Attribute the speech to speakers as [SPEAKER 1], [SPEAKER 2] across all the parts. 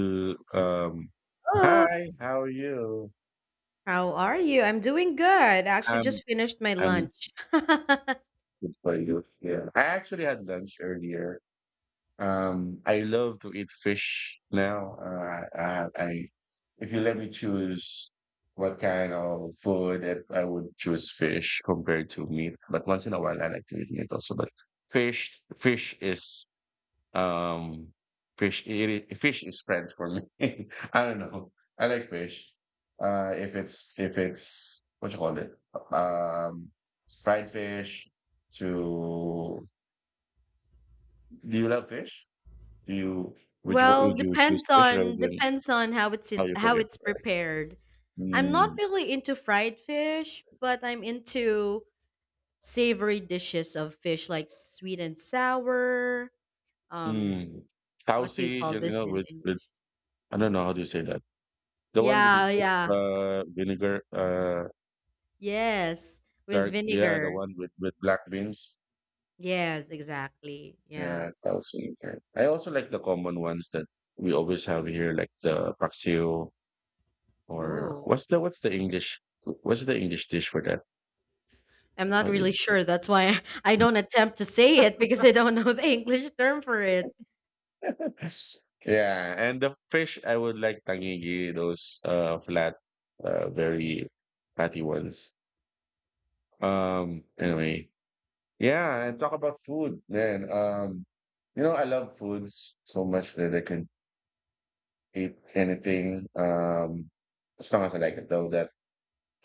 [SPEAKER 1] to, um,
[SPEAKER 2] Hello.
[SPEAKER 1] Hi, how are you?
[SPEAKER 2] How are you? I'm doing good. I actually just
[SPEAKER 1] I'm
[SPEAKER 2] finished my
[SPEAKER 1] I'm
[SPEAKER 2] lunch.
[SPEAKER 1] good for you. Yeah, I actually had lunch earlier. I love to eat fish now. I If you let me choose what kind of food, I would choose fish compared to meat. But once in a while, I like to eat meat also. But fish, fish is Um, fish it I- fish is friends for me. I don't know. I like fish. If it's what you call it, um, fried fish. To do you love fish? Do you would you
[SPEAKER 2] Well,
[SPEAKER 1] Would you choose
[SPEAKER 2] depends
[SPEAKER 1] fish rather
[SPEAKER 2] on
[SPEAKER 1] than
[SPEAKER 2] how
[SPEAKER 1] how you cook
[SPEAKER 2] how
[SPEAKER 1] it?
[SPEAKER 2] it's prepared. I'm not
[SPEAKER 1] Mm.
[SPEAKER 2] really into fried fish, but I'm into savory dishes of fish like sweet and sour. Um,
[SPEAKER 1] Mm.
[SPEAKER 2] what do you
[SPEAKER 1] Tausi,
[SPEAKER 2] call this in
[SPEAKER 1] with
[SPEAKER 2] English?
[SPEAKER 1] I don't know how do you say that. The one with the
[SPEAKER 2] Yeah, yeah.
[SPEAKER 1] vinegar,
[SPEAKER 2] Yes, with
[SPEAKER 1] dark, yeah, the
[SPEAKER 2] vinegar.
[SPEAKER 1] one with black beans.
[SPEAKER 2] Yes, exactly. Yeah.
[SPEAKER 1] Yeah, thousand. Yeah. I also like the common ones that we always have here, like the paksiw, or
[SPEAKER 2] Oh.
[SPEAKER 1] what's the English dish for that?
[SPEAKER 2] I'm not
[SPEAKER 1] I
[SPEAKER 2] really sure. That's why I don't attempt to say it because I don't know the English term for it.
[SPEAKER 1] yeah, and the fish I would like tangigi, those flat, very fatty ones. Anyway, yeah, and talk about food, man. I love foods so much that I can eat anything. As long as I like it, though. That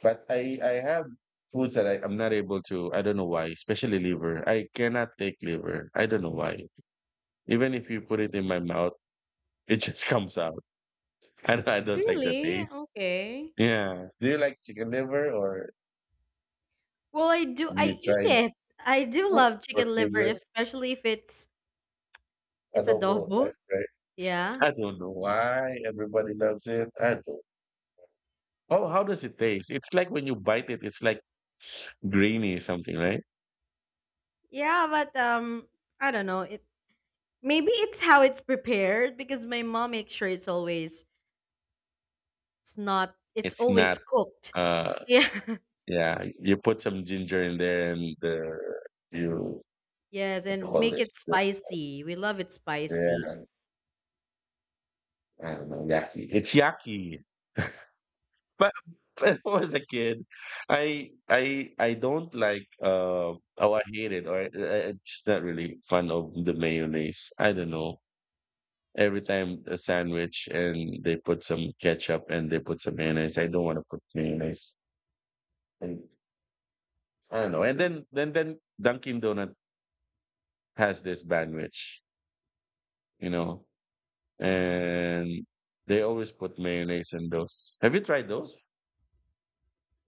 [SPEAKER 1] But I have foods that I I'm not able to I don't know why, especially liver. I cannot take liver. I don't know why. Even if you put it in my mouth, it just comes out. I don't like the
[SPEAKER 2] Really?
[SPEAKER 1] taste.
[SPEAKER 2] Okay.
[SPEAKER 1] Yeah. Do you like chicken liver or
[SPEAKER 2] Well, I do.
[SPEAKER 1] have you
[SPEAKER 2] I eat
[SPEAKER 1] tried
[SPEAKER 2] it. I do love
[SPEAKER 1] pork
[SPEAKER 2] chicken liver,
[SPEAKER 1] liver?
[SPEAKER 2] especially if it's
[SPEAKER 1] Adobo,
[SPEAKER 2] adobo.
[SPEAKER 1] right?
[SPEAKER 2] Yeah,
[SPEAKER 1] I don't know why everybody loves it. I don't. Oh, how does it taste? It's like when you bite it, it's like grainy or something, right?
[SPEAKER 2] yeah, but I don't know. It Maybe it's how it's prepared because my mom makes sure it's not it's
[SPEAKER 1] It's
[SPEAKER 2] always
[SPEAKER 1] not
[SPEAKER 2] cooked.
[SPEAKER 1] uh
[SPEAKER 2] Yeah.
[SPEAKER 1] Yeah, you put some ginger in there and you
[SPEAKER 2] Yes,
[SPEAKER 1] what do you
[SPEAKER 2] and
[SPEAKER 1] call
[SPEAKER 2] make
[SPEAKER 1] this?
[SPEAKER 2] it spicy. We love it spicy.
[SPEAKER 1] Yeah, I don't know, yaki. It's yaki. But when I was a kid, I don't like, oh, I hate it, or I'm just not really fun of the mayonnaise. I don't know. Every time a sandwich and they put some ketchup and they put some mayonnaise, I don't want to put mayonnaise. And I don't know. And then Dunkin' Donut has this bandwich, you know and they always put mayonnaise in those. Have you tried those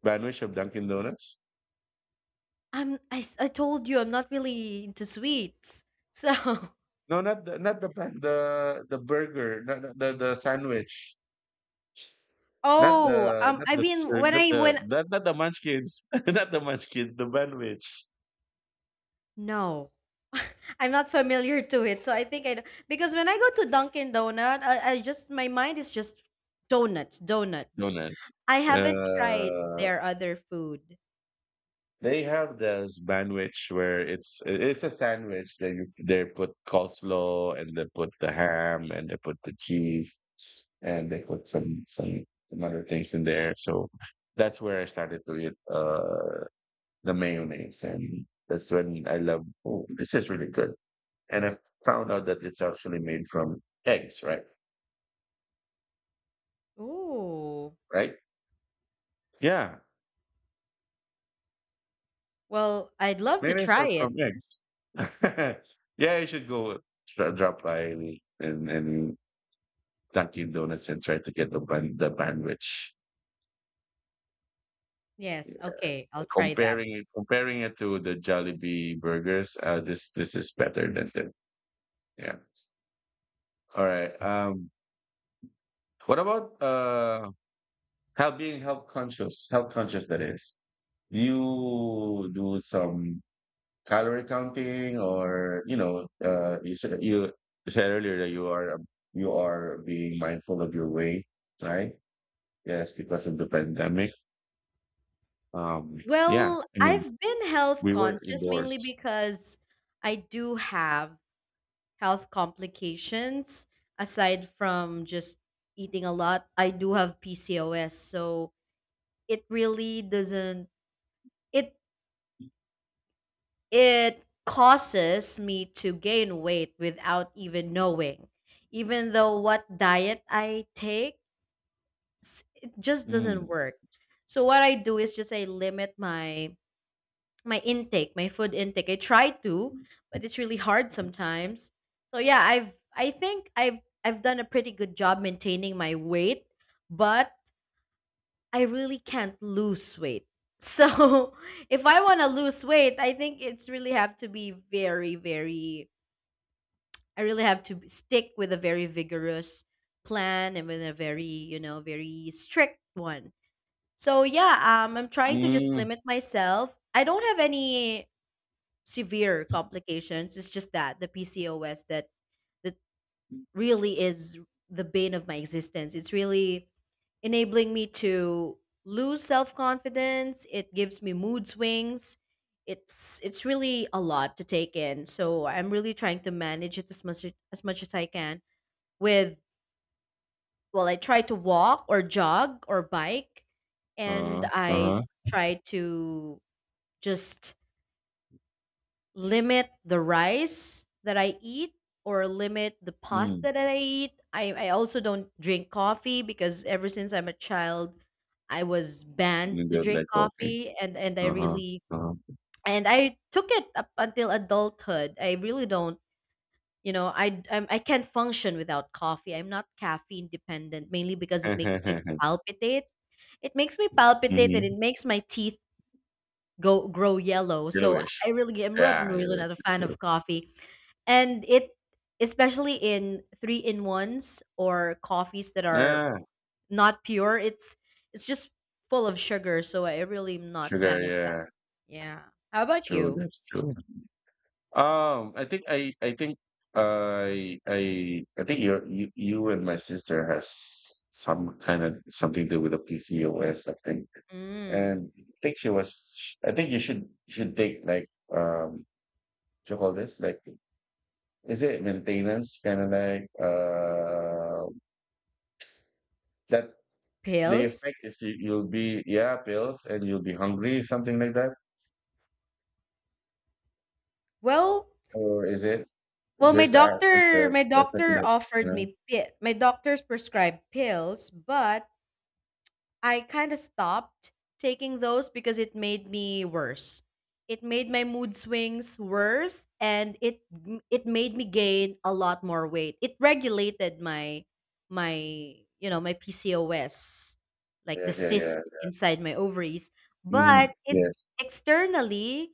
[SPEAKER 1] sandwich of Dunkin' Donuts?
[SPEAKER 2] I told you I'm not really into sweets. So
[SPEAKER 1] No, not the burger, not the sandwich,
[SPEAKER 2] Oh, I mean, when I when
[SPEAKER 1] not the munchkins, not the munchkins, the sandwich
[SPEAKER 2] no. I'm not familiar to it, so I think I because when I go to Dunkin' Donut, I just my mind is just donuts, donuts.
[SPEAKER 1] donuts.
[SPEAKER 2] I haven't tried
[SPEAKER 1] Uh,
[SPEAKER 2] their other food.
[SPEAKER 1] they have this sandwich where it's a sandwich. They put coleslaw and they put the ham and they put the cheese and they put some other things in there. So that's where I started to eat the mayonnaise, and that's when I love. Oh, this is really good. And I found out that it's actually made from eggs, right?
[SPEAKER 2] Ooh.
[SPEAKER 1] Right? Yeah,
[SPEAKER 2] Well, I'd love to
[SPEAKER 1] mayonnaise
[SPEAKER 2] try
[SPEAKER 1] are
[SPEAKER 2] it.
[SPEAKER 1] from eggs. yeah, you should go drop by and Dunkin' Donuts and try to get the the bandwidth. Yeah.
[SPEAKER 2] Yes, okay, I'll try that.
[SPEAKER 1] Comparing it to the Jollibee burgers, this is better than them. Yeah. All right. What about health, being health conscious? Health conscious, that is. Do you do some calorie counting, or you said you you said earlier that you are, you are being mindful of your weight, right? Yes, because of the pandemic. Um yeah,
[SPEAKER 2] Well,
[SPEAKER 1] I mean,
[SPEAKER 2] I've been health
[SPEAKER 1] we were
[SPEAKER 2] conscious mainly
[SPEAKER 1] indoors.
[SPEAKER 2] because I do have health complications aside from just eating a lot. I do have PCOS, so it really doesn't, it it causes me to gain weight without even knowing. Even though what diet I take, it just doesn't
[SPEAKER 1] Mm.
[SPEAKER 2] work. So what I do is just I limit my intake, my food intake. I try to, but it's really hard sometimes. So yeah, I think I've done a pretty good job maintaining my weight, but I really can't lose weight. So if I want to lose weight, I think it's really have to be very I really have to stick with a very vigorous plan and with a very, you know, very strict one. So yeah, I'm trying to just
[SPEAKER 1] Mm.
[SPEAKER 2] limit myself. I don't have any severe complications. It's just that the PCOS that really is the bane of my existence. It's really enabling me to lose self-confidence. It gives me mood swings. It's really a lot to take in. So I'm really trying to manage it as much as I can with, well, I try to walk or jog or bike, and I
[SPEAKER 1] Uh-huh.
[SPEAKER 2] try to just limit the rice that I eat or limit the
[SPEAKER 1] Mm.
[SPEAKER 2] pasta that I eat. I also don't drink coffee because ever since I'm a child, I was banned
[SPEAKER 1] And
[SPEAKER 2] to
[SPEAKER 1] they're
[SPEAKER 2] drink
[SPEAKER 1] like okay.
[SPEAKER 2] coffee, and I
[SPEAKER 1] Uh-huh.
[SPEAKER 2] really,
[SPEAKER 1] Uh-huh.
[SPEAKER 2] and I took it up until adulthood. I really don't, you know, I can't function without coffee. I'm not caffeine dependent mainly because it makes me palpitate. It makes me palpitate and it
[SPEAKER 1] mm-hmm.
[SPEAKER 2] makes my teeth go grow yellow. So
[SPEAKER 1] Yellowish.
[SPEAKER 2] I really am I'm
[SPEAKER 1] Yeah,
[SPEAKER 2] really not
[SPEAKER 1] yellowish.
[SPEAKER 2] a
[SPEAKER 1] It's
[SPEAKER 2] fan
[SPEAKER 1] true.
[SPEAKER 2] of coffee. And it, especially in three in ones or coffees that are
[SPEAKER 1] Yeah,
[SPEAKER 2] not pure, it's just full of sugar. So I really am not
[SPEAKER 1] sugar.
[SPEAKER 2] fan of that.
[SPEAKER 1] Yeah,
[SPEAKER 2] Yeah. How about
[SPEAKER 1] true.
[SPEAKER 2] you?
[SPEAKER 1] That's true. Um, I think I, I think I think you and my sister has some kind of something to do with the PCOS, I think.
[SPEAKER 2] Mm.
[SPEAKER 1] And I think she was. I think you should take, like, what you call this, like, is it maintenance kind of, like, that the
[SPEAKER 2] Pills?
[SPEAKER 1] effect is, you'll be, yeah, pills, and you'll be hungry, something like that.
[SPEAKER 2] Well,
[SPEAKER 1] Or is it?
[SPEAKER 2] well, my
[SPEAKER 1] There's the app, there's
[SPEAKER 2] doctor,
[SPEAKER 1] the second, you
[SPEAKER 2] offered
[SPEAKER 1] know?
[SPEAKER 2] me my doctors prescribed pills, but I kind of stopped taking those because it made me worse. It made my mood swings worse, and it made me gain a lot more weight. It regulated my, you know, my PCOS, like
[SPEAKER 1] Yeah,
[SPEAKER 2] the
[SPEAKER 1] yeah,
[SPEAKER 2] cyst
[SPEAKER 1] yeah.
[SPEAKER 2] inside my ovaries, but
[SPEAKER 1] Mhm,
[SPEAKER 2] it
[SPEAKER 1] yes.
[SPEAKER 2] externally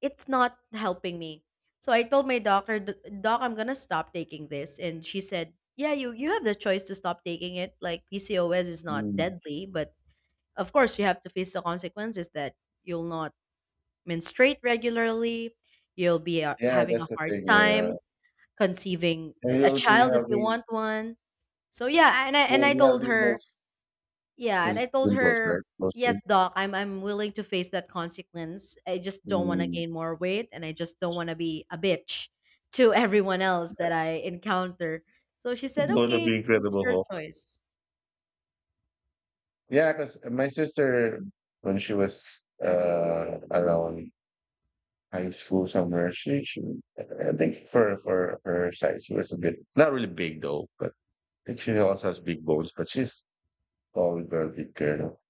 [SPEAKER 2] it's not helping me. So I told my doctor, "Doc, I'm going to stop taking this." And she said, "Yeah, you have the choice to stop taking it. Like PCOS is not
[SPEAKER 1] Mm.
[SPEAKER 2] deadly, but of course you have to face the consequences that you'll not menstruate regularly. You'll be
[SPEAKER 1] Yeah,
[SPEAKER 2] having a
[SPEAKER 1] that's the
[SPEAKER 2] hard
[SPEAKER 1] thing, yeah.
[SPEAKER 2] time conceiving
[SPEAKER 1] And
[SPEAKER 2] a
[SPEAKER 1] you'll be
[SPEAKER 2] child if you
[SPEAKER 1] having
[SPEAKER 2] want one." So yeah, and i and
[SPEAKER 1] you'll
[SPEAKER 2] i
[SPEAKER 1] be
[SPEAKER 2] told
[SPEAKER 1] having
[SPEAKER 2] her
[SPEAKER 1] those
[SPEAKER 2] yeah and i
[SPEAKER 1] with
[SPEAKER 2] told
[SPEAKER 1] Wimbos,
[SPEAKER 2] her
[SPEAKER 1] right?
[SPEAKER 2] "Yes,
[SPEAKER 1] Mostly.
[SPEAKER 2] doc, I'm willing to face that consequence. I just don't want to
[SPEAKER 1] Mm.
[SPEAKER 2] gain more weight, and I just don't want to be a bitch to everyone else that I encounter." So she said,
[SPEAKER 1] It's gonna
[SPEAKER 2] "Okay,
[SPEAKER 1] be
[SPEAKER 2] it's
[SPEAKER 1] incredible,
[SPEAKER 2] your
[SPEAKER 1] Hulk.
[SPEAKER 2] choice."
[SPEAKER 1] Yeah, because my sister, when she was around high school somewhere, she I think for her size, she was a bit not really big though, but I think she also has big bones, but she's tall, very big girl.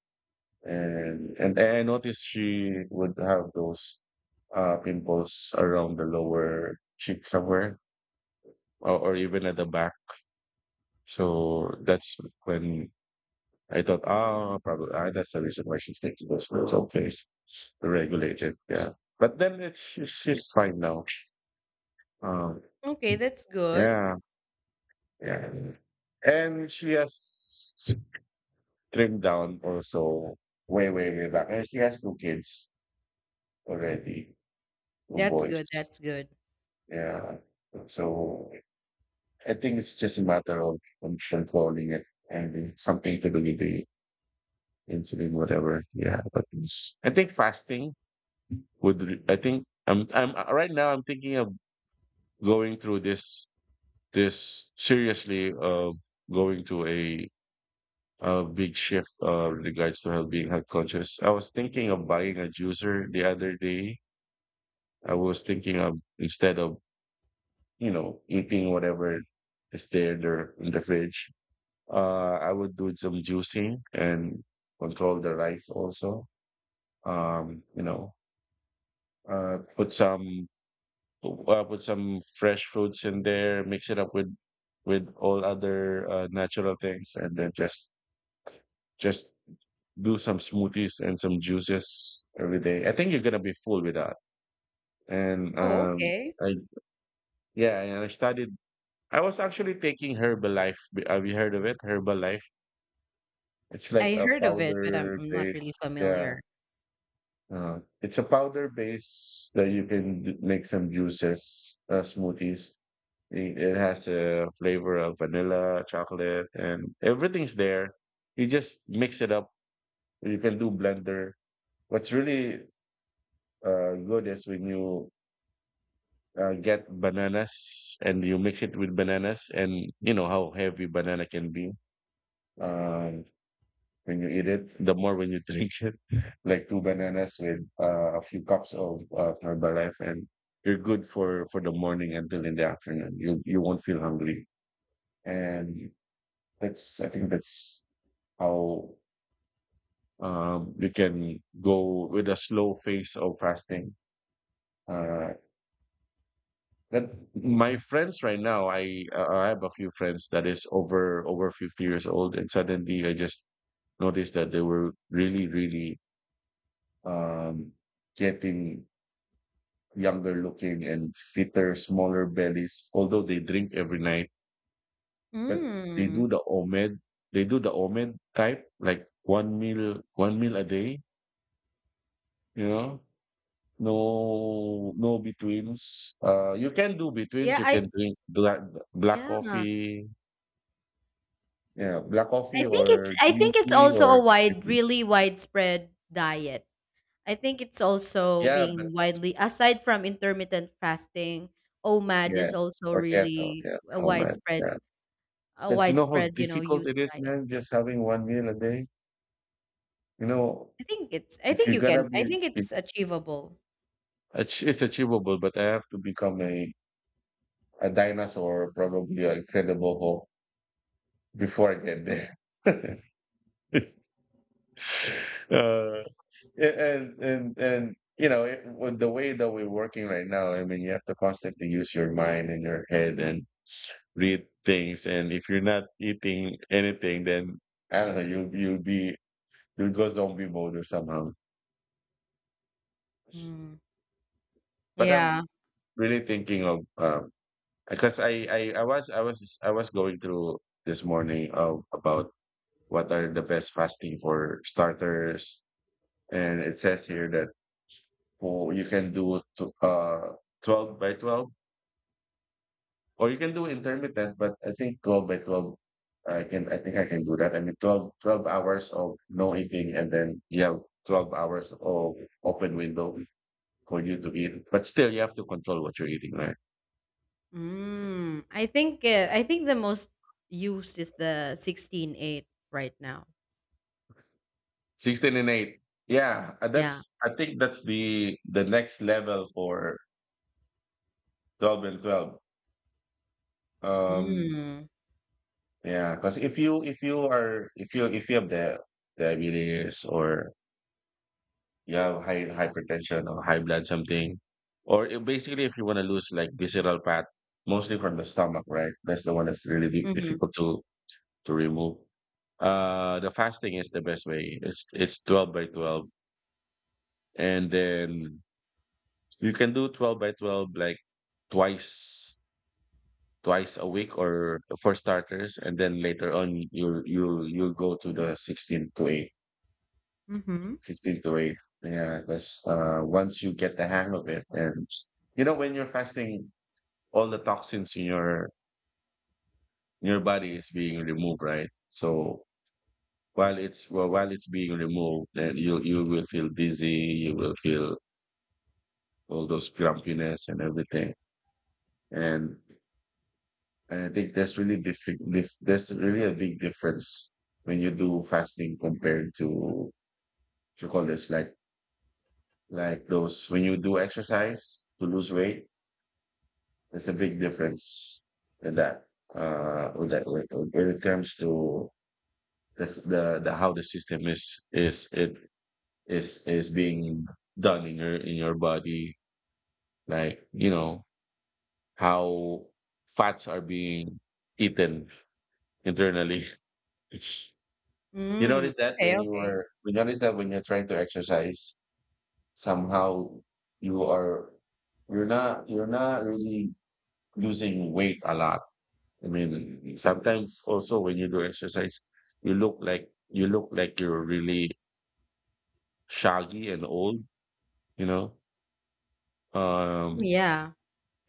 [SPEAKER 1] And I noticed she would have those pimples around the lower cheek somewhere, or even at the back. So that's when I thought, ah, probably, ah, that's the reason why she's taking those pills. Okay, regulated. Yeah, but then she's fine now. Um,
[SPEAKER 2] Okay, that's good.
[SPEAKER 1] yeah, yeah, and she has trimmed down also, way, way, way back. And she has two kids already, two
[SPEAKER 2] that's
[SPEAKER 1] boys.
[SPEAKER 2] good that's good
[SPEAKER 1] Yeah. So I think it's just a matter of controlling it and something to believe in, the insulin, whatever. Yeah. But I think fasting would, I think I'm right now I'm thinking of going through this seriously, of going to a big shift, with regards to health, being health conscious. I was thinking of buying a juicer the other day. I was thinking of, instead of, eating whatever is there in the fridge. I would do some juicing and control the rice also. Um, you know, put some put some fresh fruits in there, mix it up with all other natural things, and then just do some smoothies and some juices every day. I think you're gonna be full with that. And
[SPEAKER 2] Oh, okay.
[SPEAKER 1] I yeah, and I started. I was actually taking Herbalife. Have you heard of it? Herbalife. It's like
[SPEAKER 2] I
[SPEAKER 1] a
[SPEAKER 2] heard of it, but
[SPEAKER 1] powder
[SPEAKER 2] I'm not really
[SPEAKER 1] base.
[SPEAKER 2] familiar.
[SPEAKER 1] Yeah, it's a powder base that you can make some juices, smoothies. It has a flavor of vanilla, chocolate, and everything's there. You just mix it up. You can do blender. What's really good is when you, get bananas and you mix it with bananas, and you know how heavy banana can be. Um, when you eat it, the more when you drink it, like two bananas with, a few cups of, Herbalife, and you're good for the morning until in the afternoon. You won't feel hungry, and that's I think that's how, you can go with a slow phase of fasting. Uh, that my friends right now, I have a few friends that is over 50 years old, and suddenly I just noticed that they were really, really, um, getting younger looking and fitter, smaller bellies, although they drink every night. But they
[SPEAKER 2] Mm.
[SPEAKER 1] do the omed, they do the omed type, like one meal a day, you know? No, no betweens. You can do betweens.
[SPEAKER 2] Yeah,
[SPEAKER 1] You
[SPEAKER 2] I
[SPEAKER 1] can drink black
[SPEAKER 2] yeah.
[SPEAKER 1] coffee. Yeah, black coffee or
[SPEAKER 2] I
[SPEAKER 1] green
[SPEAKER 2] think it's
[SPEAKER 1] tea,
[SPEAKER 2] also a
[SPEAKER 1] or
[SPEAKER 2] wide really widespread diet. I think it's also
[SPEAKER 1] yeah,
[SPEAKER 2] being
[SPEAKER 1] but
[SPEAKER 2] widely, aside from intermittent fasting, OMAD is
[SPEAKER 1] yes,
[SPEAKER 2] also
[SPEAKER 1] or keto.
[SPEAKER 2] really
[SPEAKER 1] Yeah,
[SPEAKER 2] a
[SPEAKER 1] oh man,
[SPEAKER 2] widespread,
[SPEAKER 1] yeah. But you know how
[SPEAKER 2] you know,
[SPEAKER 1] difficult
[SPEAKER 2] used
[SPEAKER 1] it is,
[SPEAKER 2] diet.
[SPEAKER 1] man, just having one meal a day. You know,
[SPEAKER 2] I think it's I
[SPEAKER 1] if
[SPEAKER 2] think
[SPEAKER 1] you're
[SPEAKER 2] you can,
[SPEAKER 1] gonna
[SPEAKER 2] I
[SPEAKER 1] be,
[SPEAKER 2] think it's achievable.
[SPEAKER 1] it's achievable, but I have to become a dinosaur, probably an incredible Hulk, before I get there. uh, and you know, with the way that we're working right now, I mean, you have to constantly use your mind and your head and read things. And if you're not eating anything, then I don't know, you'll go zombie mode or somehow.
[SPEAKER 2] Mm.
[SPEAKER 1] But
[SPEAKER 2] Yeah.
[SPEAKER 1] I'm really thinking of, because I was going through this morning, about what are the best fasting for starters, and it says here that for you can do to, 12 by 12, or you can do intermittent. But I think 12 by 12, I think I can do that. I mean 12 hours of no eating, and then you have 12 hours of open window for you to eat. But still, you have to control what you're eating, right?
[SPEAKER 2] Mm. I think the most used is the 16:8 right now.
[SPEAKER 1] 16 and 8. Yeah,
[SPEAKER 2] Yeah.
[SPEAKER 1] that's I think that's the next level for 12 and 12. Um
[SPEAKER 2] Mm.
[SPEAKER 1] yeah, cuz if you have the diabetes, or you have high hypertension or high blood something, basically if you want to lose, like, visceral fat mostly from the stomach, right? That's the one that's really
[SPEAKER 2] Mhm.
[SPEAKER 1] difficult to remove. The fasting is the best way. It's 12 by 12. And then you can do 12 by 12 like twice twice a week, or for starters, and then later on you go to the 16 to 8,
[SPEAKER 2] Mhm.
[SPEAKER 1] 16 to 8. Yeah, that's once you get the hang of it. And you know when you're fasting, all the toxins in your body is being removed, right? So while it's being removed, then you will feel dizzy, you will feel all those grumpiness and everything. And And I think that's really different. That's really a big difference when you do fasting compared to, what you call this, like, those when you do exercise to lose weight. That's a big difference in that. Uh, with that with- when it comes to this, the how the system is it is being done in your body, like, you know how fats are being eaten internally. You
[SPEAKER 2] Mm.
[SPEAKER 1] notice that
[SPEAKER 2] Okay,
[SPEAKER 1] when you
[SPEAKER 2] okay.
[SPEAKER 1] are, we notice that when you're trying to exercise, somehow you are, you're not really losing weight a lot. I mean, sometimes also when you do exercise, you look like you're really shaggy and old, you know?
[SPEAKER 2] Oh,
[SPEAKER 1] Um,
[SPEAKER 2] yeah.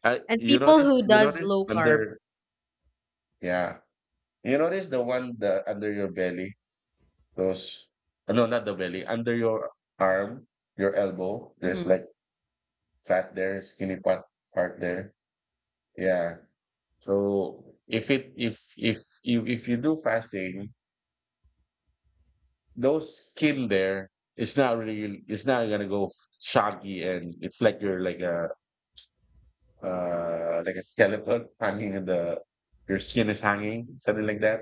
[SPEAKER 2] And people who
[SPEAKER 1] you
[SPEAKER 2] does
[SPEAKER 1] notice
[SPEAKER 2] low carb.
[SPEAKER 1] under, yeah, you notice the one, the under your belly, those — no, not the belly, under your arm, your elbow, there's
[SPEAKER 2] Mhm.
[SPEAKER 1] like, fat there, skinny part there. Yeah. So if it if you do fasting, those skin there, it's not gonna go shaggy, and it's like you're like a skeleton hanging in the your skin is hanging, something like that.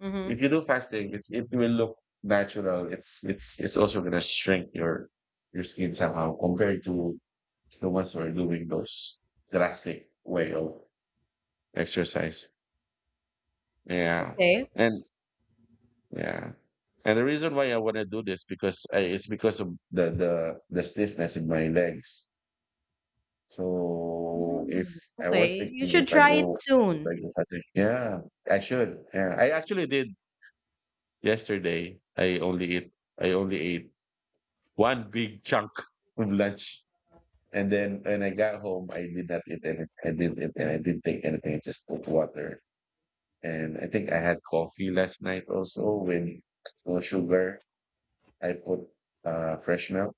[SPEAKER 2] Mhm.
[SPEAKER 1] If you do fasting, it will look natural. It's also gonna shrink your skin somehow compared to the ones who are doing those drastic way of exercise. Yeah.
[SPEAKER 2] Okay.
[SPEAKER 1] And yeah. And the reason why I want to do this because it's because of the stiffness in my legs. So if
[SPEAKER 2] Mm.
[SPEAKER 1] I was
[SPEAKER 2] Okay. You
[SPEAKER 1] thinking, if
[SPEAKER 2] should
[SPEAKER 1] I
[SPEAKER 2] try it
[SPEAKER 1] go
[SPEAKER 2] soon.
[SPEAKER 1] fast, yeah, I should. Yeah. I actually did yesterday. I only eat. I only ate one big chunk of lunch. And then when I got home, I did not eat anything. I didn't eat, and I didn't take anything. I just took water. And I think I had coffee last night also with no sugar. I put fresh milk.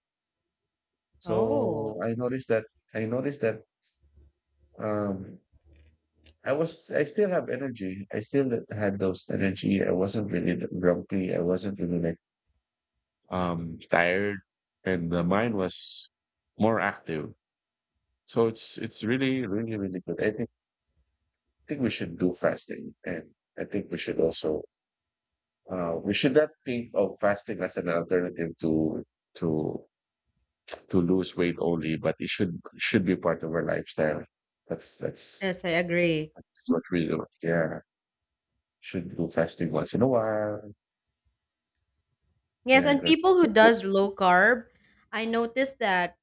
[SPEAKER 2] Oh.
[SPEAKER 1] So I noticed that um, I still have energy. I still had those energy. I wasn't really grumpy. I wasn't really like tired, and the mind was more active. So it's really really really good. I think we should do fasting, and I think we should not think of fasting as an alternative to to lose weight only, but it should be part of our lifestyle. That's that's
[SPEAKER 2] Yes, I agree.
[SPEAKER 1] that's what we do. Yeah, should do fasting once in a while.
[SPEAKER 2] Yes,
[SPEAKER 1] Yeah,
[SPEAKER 2] and
[SPEAKER 1] that's —
[SPEAKER 2] people who does low carb, I noticed that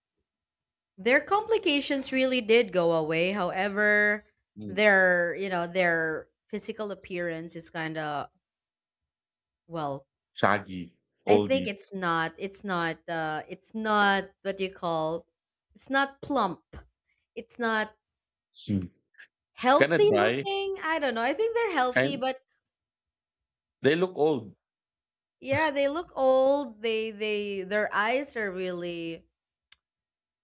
[SPEAKER 2] their complications really did go away. However,
[SPEAKER 1] mm.
[SPEAKER 2] their, you know, their physical appearance is kind of, well,
[SPEAKER 1] Shaggy,
[SPEAKER 2] I think
[SPEAKER 1] oldie.
[SPEAKER 2] it's not. It's not. It's not what you call. It's not plump. It's not
[SPEAKER 1] Hmm. Can I
[SPEAKER 2] healthy
[SPEAKER 1] try?
[SPEAKER 2] looking. I don't know. I think they're healthy,
[SPEAKER 1] Can
[SPEAKER 2] but
[SPEAKER 1] they look old?
[SPEAKER 2] yeah, they look old. They their eyes are really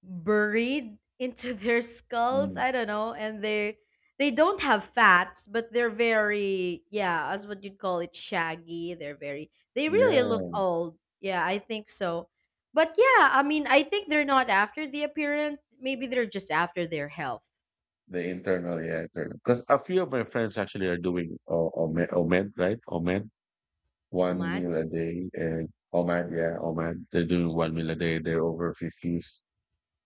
[SPEAKER 2] buried into their skulls.
[SPEAKER 1] Mm.
[SPEAKER 2] I don't know, and they don't have fats, but they're very, yeah, as what you'd call it, shaggy. They're very, they really look
[SPEAKER 1] Yeah,
[SPEAKER 2] old. Yeah, I think so. But yeah, I mean, I think they're not after the appearance. Maybe they're just after their health.
[SPEAKER 1] the internal, yeah, internal. Because a few of my friends actually are doing Omed, Omed, right? Omed, one
[SPEAKER 2] Omad.
[SPEAKER 1] meal a day, and Omed, yeah, Omed. They're doing one meal a day. They're over 50s.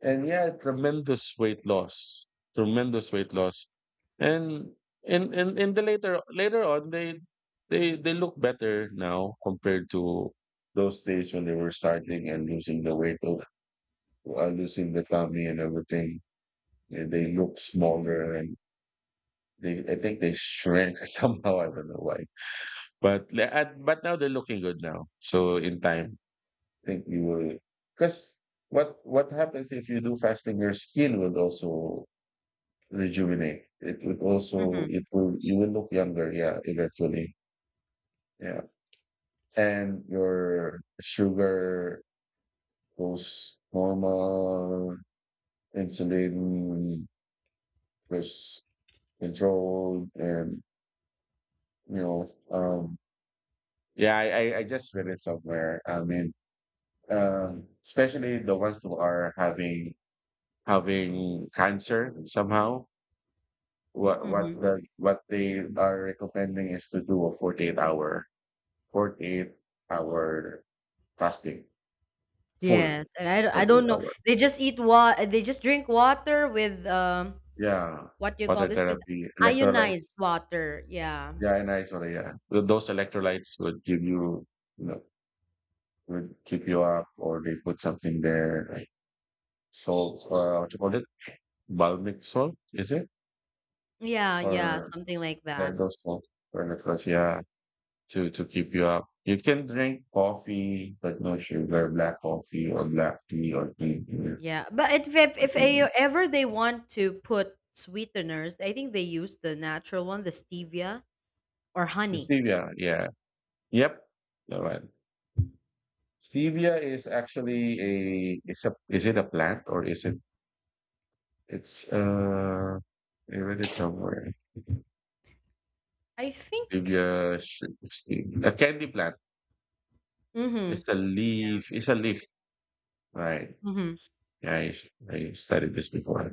[SPEAKER 1] And yeah, tremendous weight loss, tremendous weight loss. And in the later on, they look better now compared to those days when they were starting and losing the weight of, losing the tummy and everything. Yeah, they look
[SPEAKER 2] Mm.
[SPEAKER 1] smaller, and they I think they shrank somehow. I don't know why, but but now they're looking good now. So in time, I think you will, because what happens, if you do fasting your skin will also rejuvenate. It would also
[SPEAKER 2] Hmm.
[SPEAKER 1] it will You will look younger, yeah, eventually. Yeah. And your sugar goes normal, insulin goes controlled, and you know, yeah, I just read it somewhere. I mean, especially the ones who are having cancer somehow.
[SPEAKER 2] hmm
[SPEAKER 1] What they are recommending is to do a 48 hour 48-hour fasting,
[SPEAKER 2] Yes,
[SPEAKER 1] full
[SPEAKER 2] and I don't
[SPEAKER 1] 48
[SPEAKER 2] know.
[SPEAKER 1] hour.
[SPEAKER 2] They just eat water. They just drink water with
[SPEAKER 1] Yeah,
[SPEAKER 2] what do you call
[SPEAKER 1] water
[SPEAKER 2] this? With
[SPEAKER 1] therapy,
[SPEAKER 2] ionized
[SPEAKER 1] electrolytes.
[SPEAKER 2] water. Yeah.
[SPEAKER 1] Yeah, and I — yeah. Those electrolytes would give you, you know, would keep you up, or they put something there, like salt, what you call it? Balmic salt, is it?
[SPEAKER 2] Yeah, yeah,
[SPEAKER 1] Or
[SPEAKER 2] something like
[SPEAKER 1] yeah,
[SPEAKER 2] that.
[SPEAKER 1] those salt or electrolytes, yeah, to keep you up. You can drink coffee, but no sugar, black coffee or black tea or tea, you know,
[SPEAKER 2] Yeah, but
[SPEAKER 1] I
[SPEAKER 2] if a,
[SPEAKER 1] think.
[SPEAKER 2] ever they want to put sweeteners, I think they use the natural one, the stevia or honey.
[SPEAKER 1] Stevia, yeah, yeah. Yep. All right. Stevia is actually a — is it a plant, or is it — it's I read it somewhere.
[SPEAKER 2] I think.
[SPEAKER 1] Stevia, should stevia, a candy plant.
[SPEAKER 2] Mm-hmm.
[SPEAKER 1] It's a leaf. It's a leaf. Right.
[SPEAKER 2] Mm-hmm.
[SPEAKER 1] Yeah, I studied this before.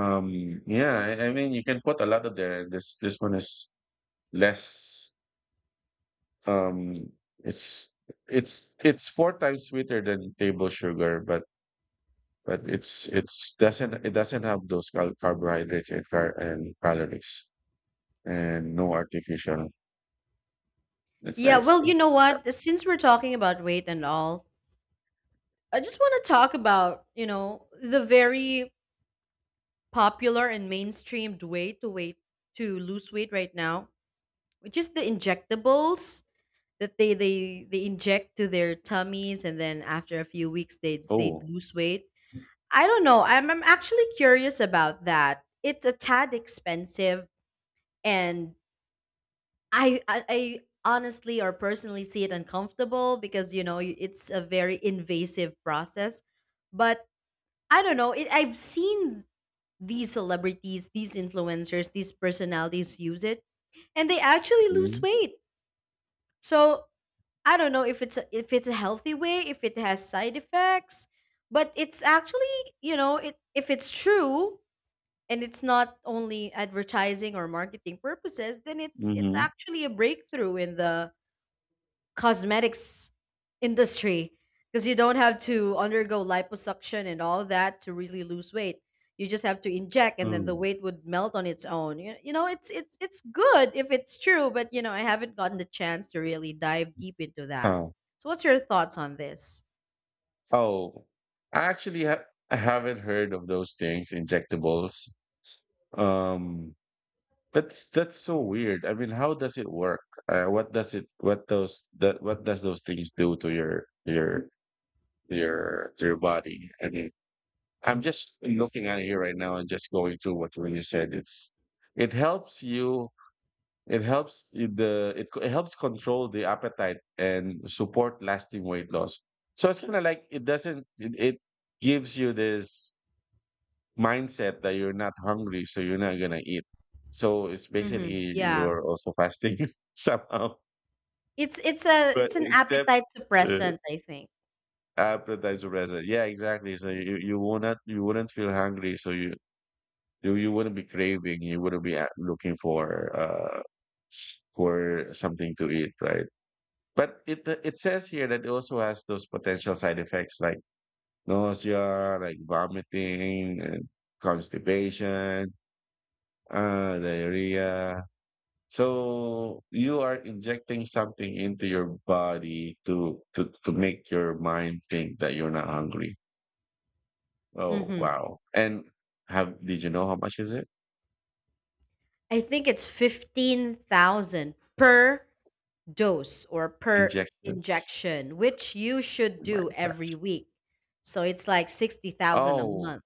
[SPEAKER 1] Yeah, I mean you can put a lot of there. This one is less, um it's it's four times sweeter than table sugar, but it's doesn't it doesn't have those carbohydrates, and and calories, and no artificial. It's
[SPEAKER 2] Yeah.
[SPEAKER 1] nice.
[SPEAKER 2] Well, you know what? Since we're talking about weight and all, I just want to talk about, you know, the very popular and mainstreamed way to weight to lose weight right now, which is the injectables, that they inject to their tummies and then after a few weeks they
[SPEAKER 1] Oh.
[SPEAKER 2] lose weight. I don't know. I'm actually curious about that. It's a tad expensive, and I honestly or personally see it uncomfortable because, you know, it's a very invasive process. But I don't know. I've seen these celebrities, these influencers, these personalities use it, and they actually lose
[SPEAKER 1] Mm-hmm.
[SPEAKER 2] weight. So I don't know if if it's a healthy way, if it has side effects, but it's actually, you know, it if it's true and it's not only advertising or marketing purposes, then it's actually a breakthrough in the cosmetics industry because you don't have to undergo liposuction and all that to really lose weight. You just have to inject and then the
[SPEAKER 1] Mm.
[SPEAKER 2] weight would melt on its own. You know, it's it's good if it's true, but you know, I haven't gotten the chance to really dive deep into that.
[SPEAKER 1] Huh.
[SPEAKER 2] So what's your thoughts on this?
[SPEAKER 1] Oh, I actually — I haven't heard of those things, injectables. Um, that's so weird. I mean, how does it work? What does it? What those? That, what does those things do to your body? I mean, I'm just looking at it here right now and just going through what when you said. It helps you. It helps control the appetite and support lasting weight loss. So it's kind of like — it doesn't. It gives you this mindset that you're not hungry, so you're not gonna eat. So it's
[SPEAKER 2] Mhm.
[SPEAKER 1] basically
[SPEAKER 2] Yeah.
[SPEAKER 1] you're also fasting somehow,
[SPEAKER 2] It's a
[SPEAKER 1] but
[SPEAKER 2] it's an
[SPEAKER 1] except
[SPEAKER 2] appetite
[SPEAKER 1] uh,
[SPEAKER 2] suppressant, I think.
[SPEAKER 1] appetite suppressor. Yeah, exactly. So you wouldn't feel hungry, so you wouldn't be craving. You wouldn't be looking uh for something to eat, right? But it says here that it also has those potential side effects like nausea, like vomiting, and constipation, diarrhea. So you are injecting something into your body to make your mind think that you're not hungry. Oh
[SPEAKER 2] Mhm.
[SPEAKER 1] wow! And have did you know how much is it?
[SPEAKER 2] I think it's 15,000 per dose or per
[SPEAKER 1] Injection.
[SPEAKER 2] injection, which you should
[SPEAKER 1] Oh my
[SPEAKER 2] do
[SPEAKER 1] God.
[SPEAKER 2] every week. So it's like 60,000 a
[SPEAKER 1] Oh,
[SPEAKER 2] month.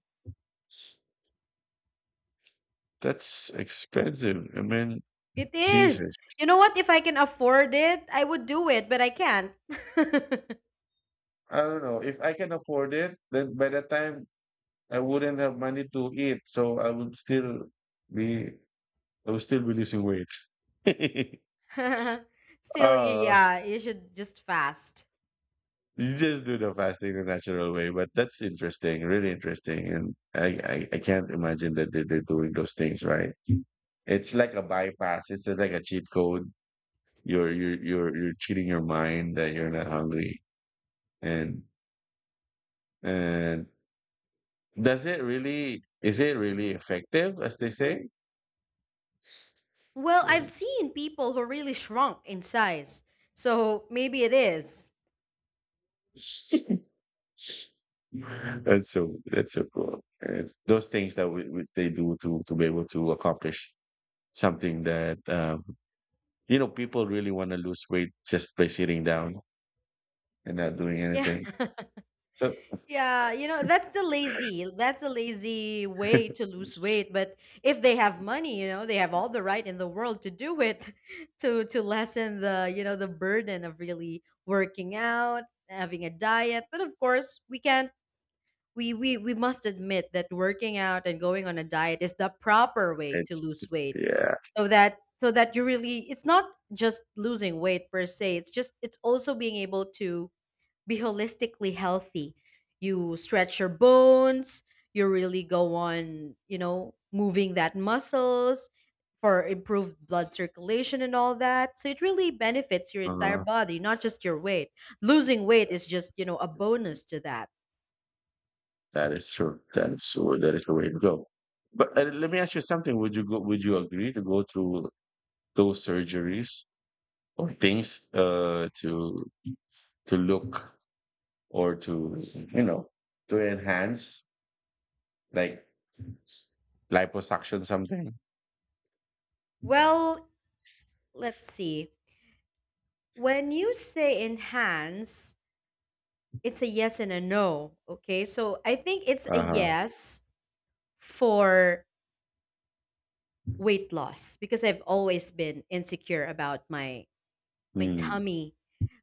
[SPEAKER 1] that's expensive. I mean,
[SPEAKER 2] It is.
[SPEAKER 1] Jesus.
[SPEAKER 2] You know what? If I can afford it, I would do it, but I can't.
[SPEAKER 1] I don't know. If I can afford it, then by the time, I wouldn't have money to eat. So be I would still be losing weight.
[SPEAKER 2] Still,
[SPEAKER 1] uh
[SPEAKER 2] yeah, you should just fast.
[SPEAKER 1] you just do the fasting the natural way. But that's interesting, really interesting. And I can't imagine that they're doing those things, right? It's like a bypass. It's like a cheat code. You're cheating your mind that you're not hungry. And and Is it really effective, as they say?
[SPEAKER 2] Well, I've seen people who really shrunk in size. So maybe it is.
[SPEAKER 1] That's so cool. And those things that they do to be able to accomplish something that, you know, people really want to lose weight just by sitting down and not doing
[SPEAKER 2] Yeah.
[SPEAKER 1] anything. So
[SPEAKER 2] Yeah, you know, that's the lazy, that's a lazy way to lose weight. But if they have money, you know, they have all the right in the world to do it to lessen the, you know, the burden of really working out, having a diet. But of course, we can't, we we must admit that working out and going on a diet is the proper way to
[SPEAKER 1] it's —
[SPEAKER 2] lose weight.
[SPEAKER 1] yeah,
[SPEAKER 2] So that, you really, it's not just losing weight per se, it's also being able to be holistically healthy. You stretch your bones, you really go on, you know, moving that muscles for improved blood circulation and all that. So it really benefits your entire
[SPEAKER 1] uh-huh.
[SPEAKER 2] body, not just your weight. Losing weight is just, you know, a bonus to that.
[SPEAKER 1] That is true. That is true. That is the way to go. But let me ask you something. Would you go? Would you agree to go through those surgeries or things, to look, or to, you know, to enhance, like liposuction, something.
[SPEAKER 2] Well, let's see. When you say enhance, it's a yes and a no. Okay. So I think it's a
[SPEAKER 1] Uh-huh.
[SPEAKER 2] yes for weight loss because I've always been insecure about my
[SPEAKER 1] Hmm.
[SPEAKER 2] tummy,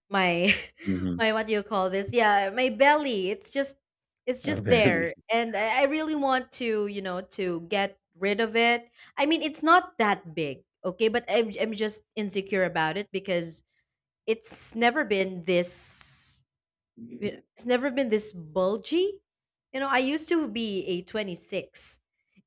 [SPEAKER 2] my
[SPEAKER 1] Mhm.
[SPEAKER 2] my what do you call this? Yeah, my belly. It's just
[SPEAKER 1] Very.
[SPEAKER 2] there, and I really want to, you know, to get rid of it. I mean, it's not that big, okay, but I'm just insecure about it because it's never been this, it's never been this bulgy. You know, I used to be a 26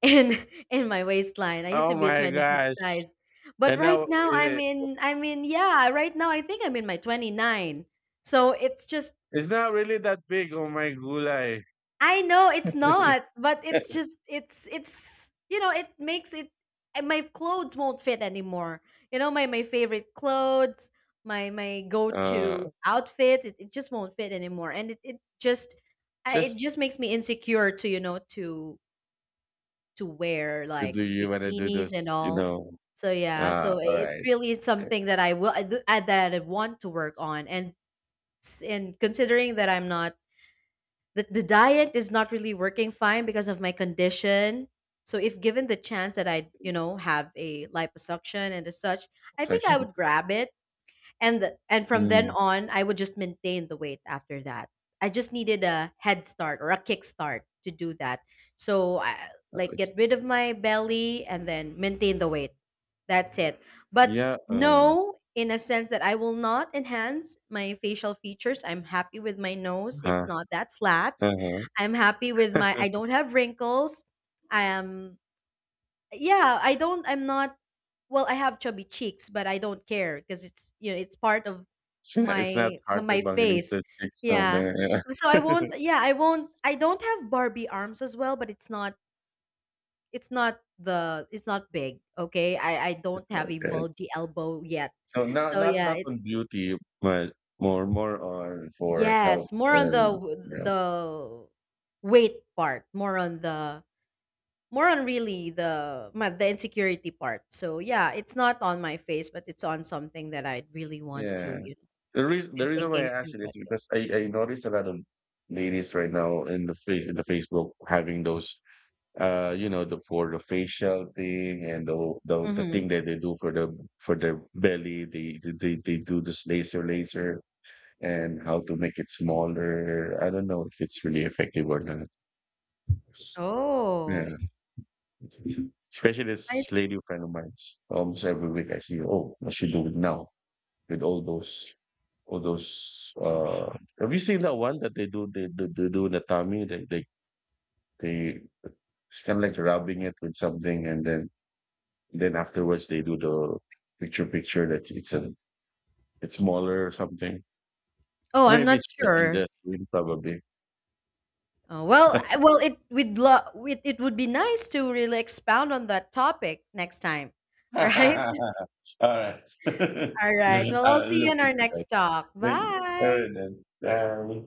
[SPEAKER 2] in in my waistline. I used
[SPEAKER 1] Oh
[SPEAKER 2] to be a
[SPEAKER 1] my
[SPEAKER 2] 26
[SPEAKER 1] gosh.
[SPEAKER 2] size. But
[SPEAKER 1] And
[SPEAKER 2] right
[SPEAKER 1] now,
[SPEAKER 2] now
[SPEAKER 1] is it —
[SPEAKER 2] I'm in, yeah, right now I think I'm in my 29. So it's just,
[SPEAKER 1] it's not really that big. Oh my gulay.
[SPEAKER 2] I know it's not, but it's just, it's you know it makes it, and my clothes won't fit anymore. You know my my favorite clothes, my go to
[SPEAKER 1] uh
[SPEAKER 2] outfit, it just won't fit anymore, and it just, it
[SPEAKER 1] just
[SPEAKER 2] just makes me insecure to, you know, to wear
[SPEAKER 1] to —
[SPEAKER 2] like
[SPEAKER 1] do you want to do
[SPEAKER 2] bikinis and
[SPEAKER 1] this, you
[SPEAKER 2] all.
[SPEAKER 1] know?
[SPEAKER 2] So yeah, so
[SPEAKER 1] All
[SPEAKER 2] it's
[SPEAKER 1] right.
[SPEAKER 2] really
[SPEAKER 1] uh,
[SPEAKER 2] something that I will I, do- I- that I want to work on, and and considering that I'm not, the diet is not really working fine because of my condition. So if given the chance that I, you know, have a liposuction and as such, I think I
[SPEAKER 1] Flexion.
[SPEAKER 2] would grab it. And from then
[SPEAKER 1] Hmm.
[SPEAKER 2] on, I would just maintain the weight after that. I just needed a head start or a kickstart to do that. So
[SPEAKER 1] Uh,
[SPEAKER 2] like
[SPEAKER 1] it's-
[SPEAKER 2] get rid of my belly and then maintain the weight. That's it. But
[SPEAKER 1] yeah. Uh
[SPEAKER 2] no, in a sense that I will not enhance my facial features. I'm happy with my nose. It's
[SPEAKER 1] huh.
[SPEAKER 2] not that flat.
[SPEAKER 1] Uh-huh.
[SPEAKER 2] I'm happy with my, I don't have wrinkles. I am yeah, I'm not, well, I have chubby cheeks, but I don't care because it's, you know, it's part of
[SPEAKER 1] Sure, it's not hard
[SPEAKER 2] my face.
[SPEAKER 1] evangelista chicks on
[SPEAKER 2] Yeah.
[SPEAKER 1] there, yeah.
[SPEAKER 2] So I won't yeah, I won't, I don't have Barbie arms as well, but it's not, it's not the it's not big, okay? I don't have a
[SPEAKER 1] Okay.
[SPEAKER 2] bulgy elbow yet.
[SPEAKER 1] So
[SPEAKER 2] So yeah,
[SPEAKER 1] not on
[SPEAKER 2] it's
[SPEAKER 1] beauty, but more on for health
[SPEAKER 2] yes, more on the
[SPEAKER 1] and, you know,
[SPEAKER 2] weight part, more on the, more on really the insecurity part. So yeah, it's not on my face, but it's on something that I'd really want to,
[SPEAKER 1] yeah.
[SPEAKER 2] you know, been
[SPEAKER 1] The reason why
[SPEAKER 2] thinking
[SPEAKER 1] I asked
[SPEAKER 2] to
[SPEAKER 1] you
[SPEAKER 2] let
[SPEAKER 1] this is
[SPEAKER 2] go.
[SPEAKER 1] because I noticed a lot of ladies right now in the Facebook having those, you know, the for the facial thing, and the
[SPEAKER 2] Mm-hmm.
[SPEAKER 1] thing that they do for the for their belly, they do this laser, and how to make it smaller. I don't know if it's really effective or not.
[SPEAKER 2] Oh,
[SPEAKER 1] Yeah. Especially
[SPEAKER 2] I
[SPEAKER 1] this
[SPEAKER 2] see.
[SPEAKER 1] lady friend of mine. Almost every week I see, oh, I should do it now, with all those — all those uh have you seen that one that they do, they do in the tummy? They It's kind of like rubbing it with something, and then afterwards they do the picture that it's a it's smaller or something.
[SPEAKER 2] Oh, I'm
[SPEAKER 1] Maybe
[SPEAKER 2] not
[SPEAKER 1] it's sketching the
[SPEAKER 2] sure.
[SPEAKER 1] that probably.
[SPEAKER 2] Oh, well, well, it we'd love it, it would be nice to really expound on that topic next time, right?
[SPEAKER 1] All right.
[SPEAKER 2] All right. Well, I'll
[SPEAKER 1] I'll
[SPEAKER 2] see you
[SPEAKER 1] look
[SPEAKER 2] in our
[SPEAKER 1] into that.
[SPEAKER 2] next talk.
[SPEAKER 1] Thank you. All
[SPEAKER 2] Bye.
[SPEAKER 1] right then. Bye.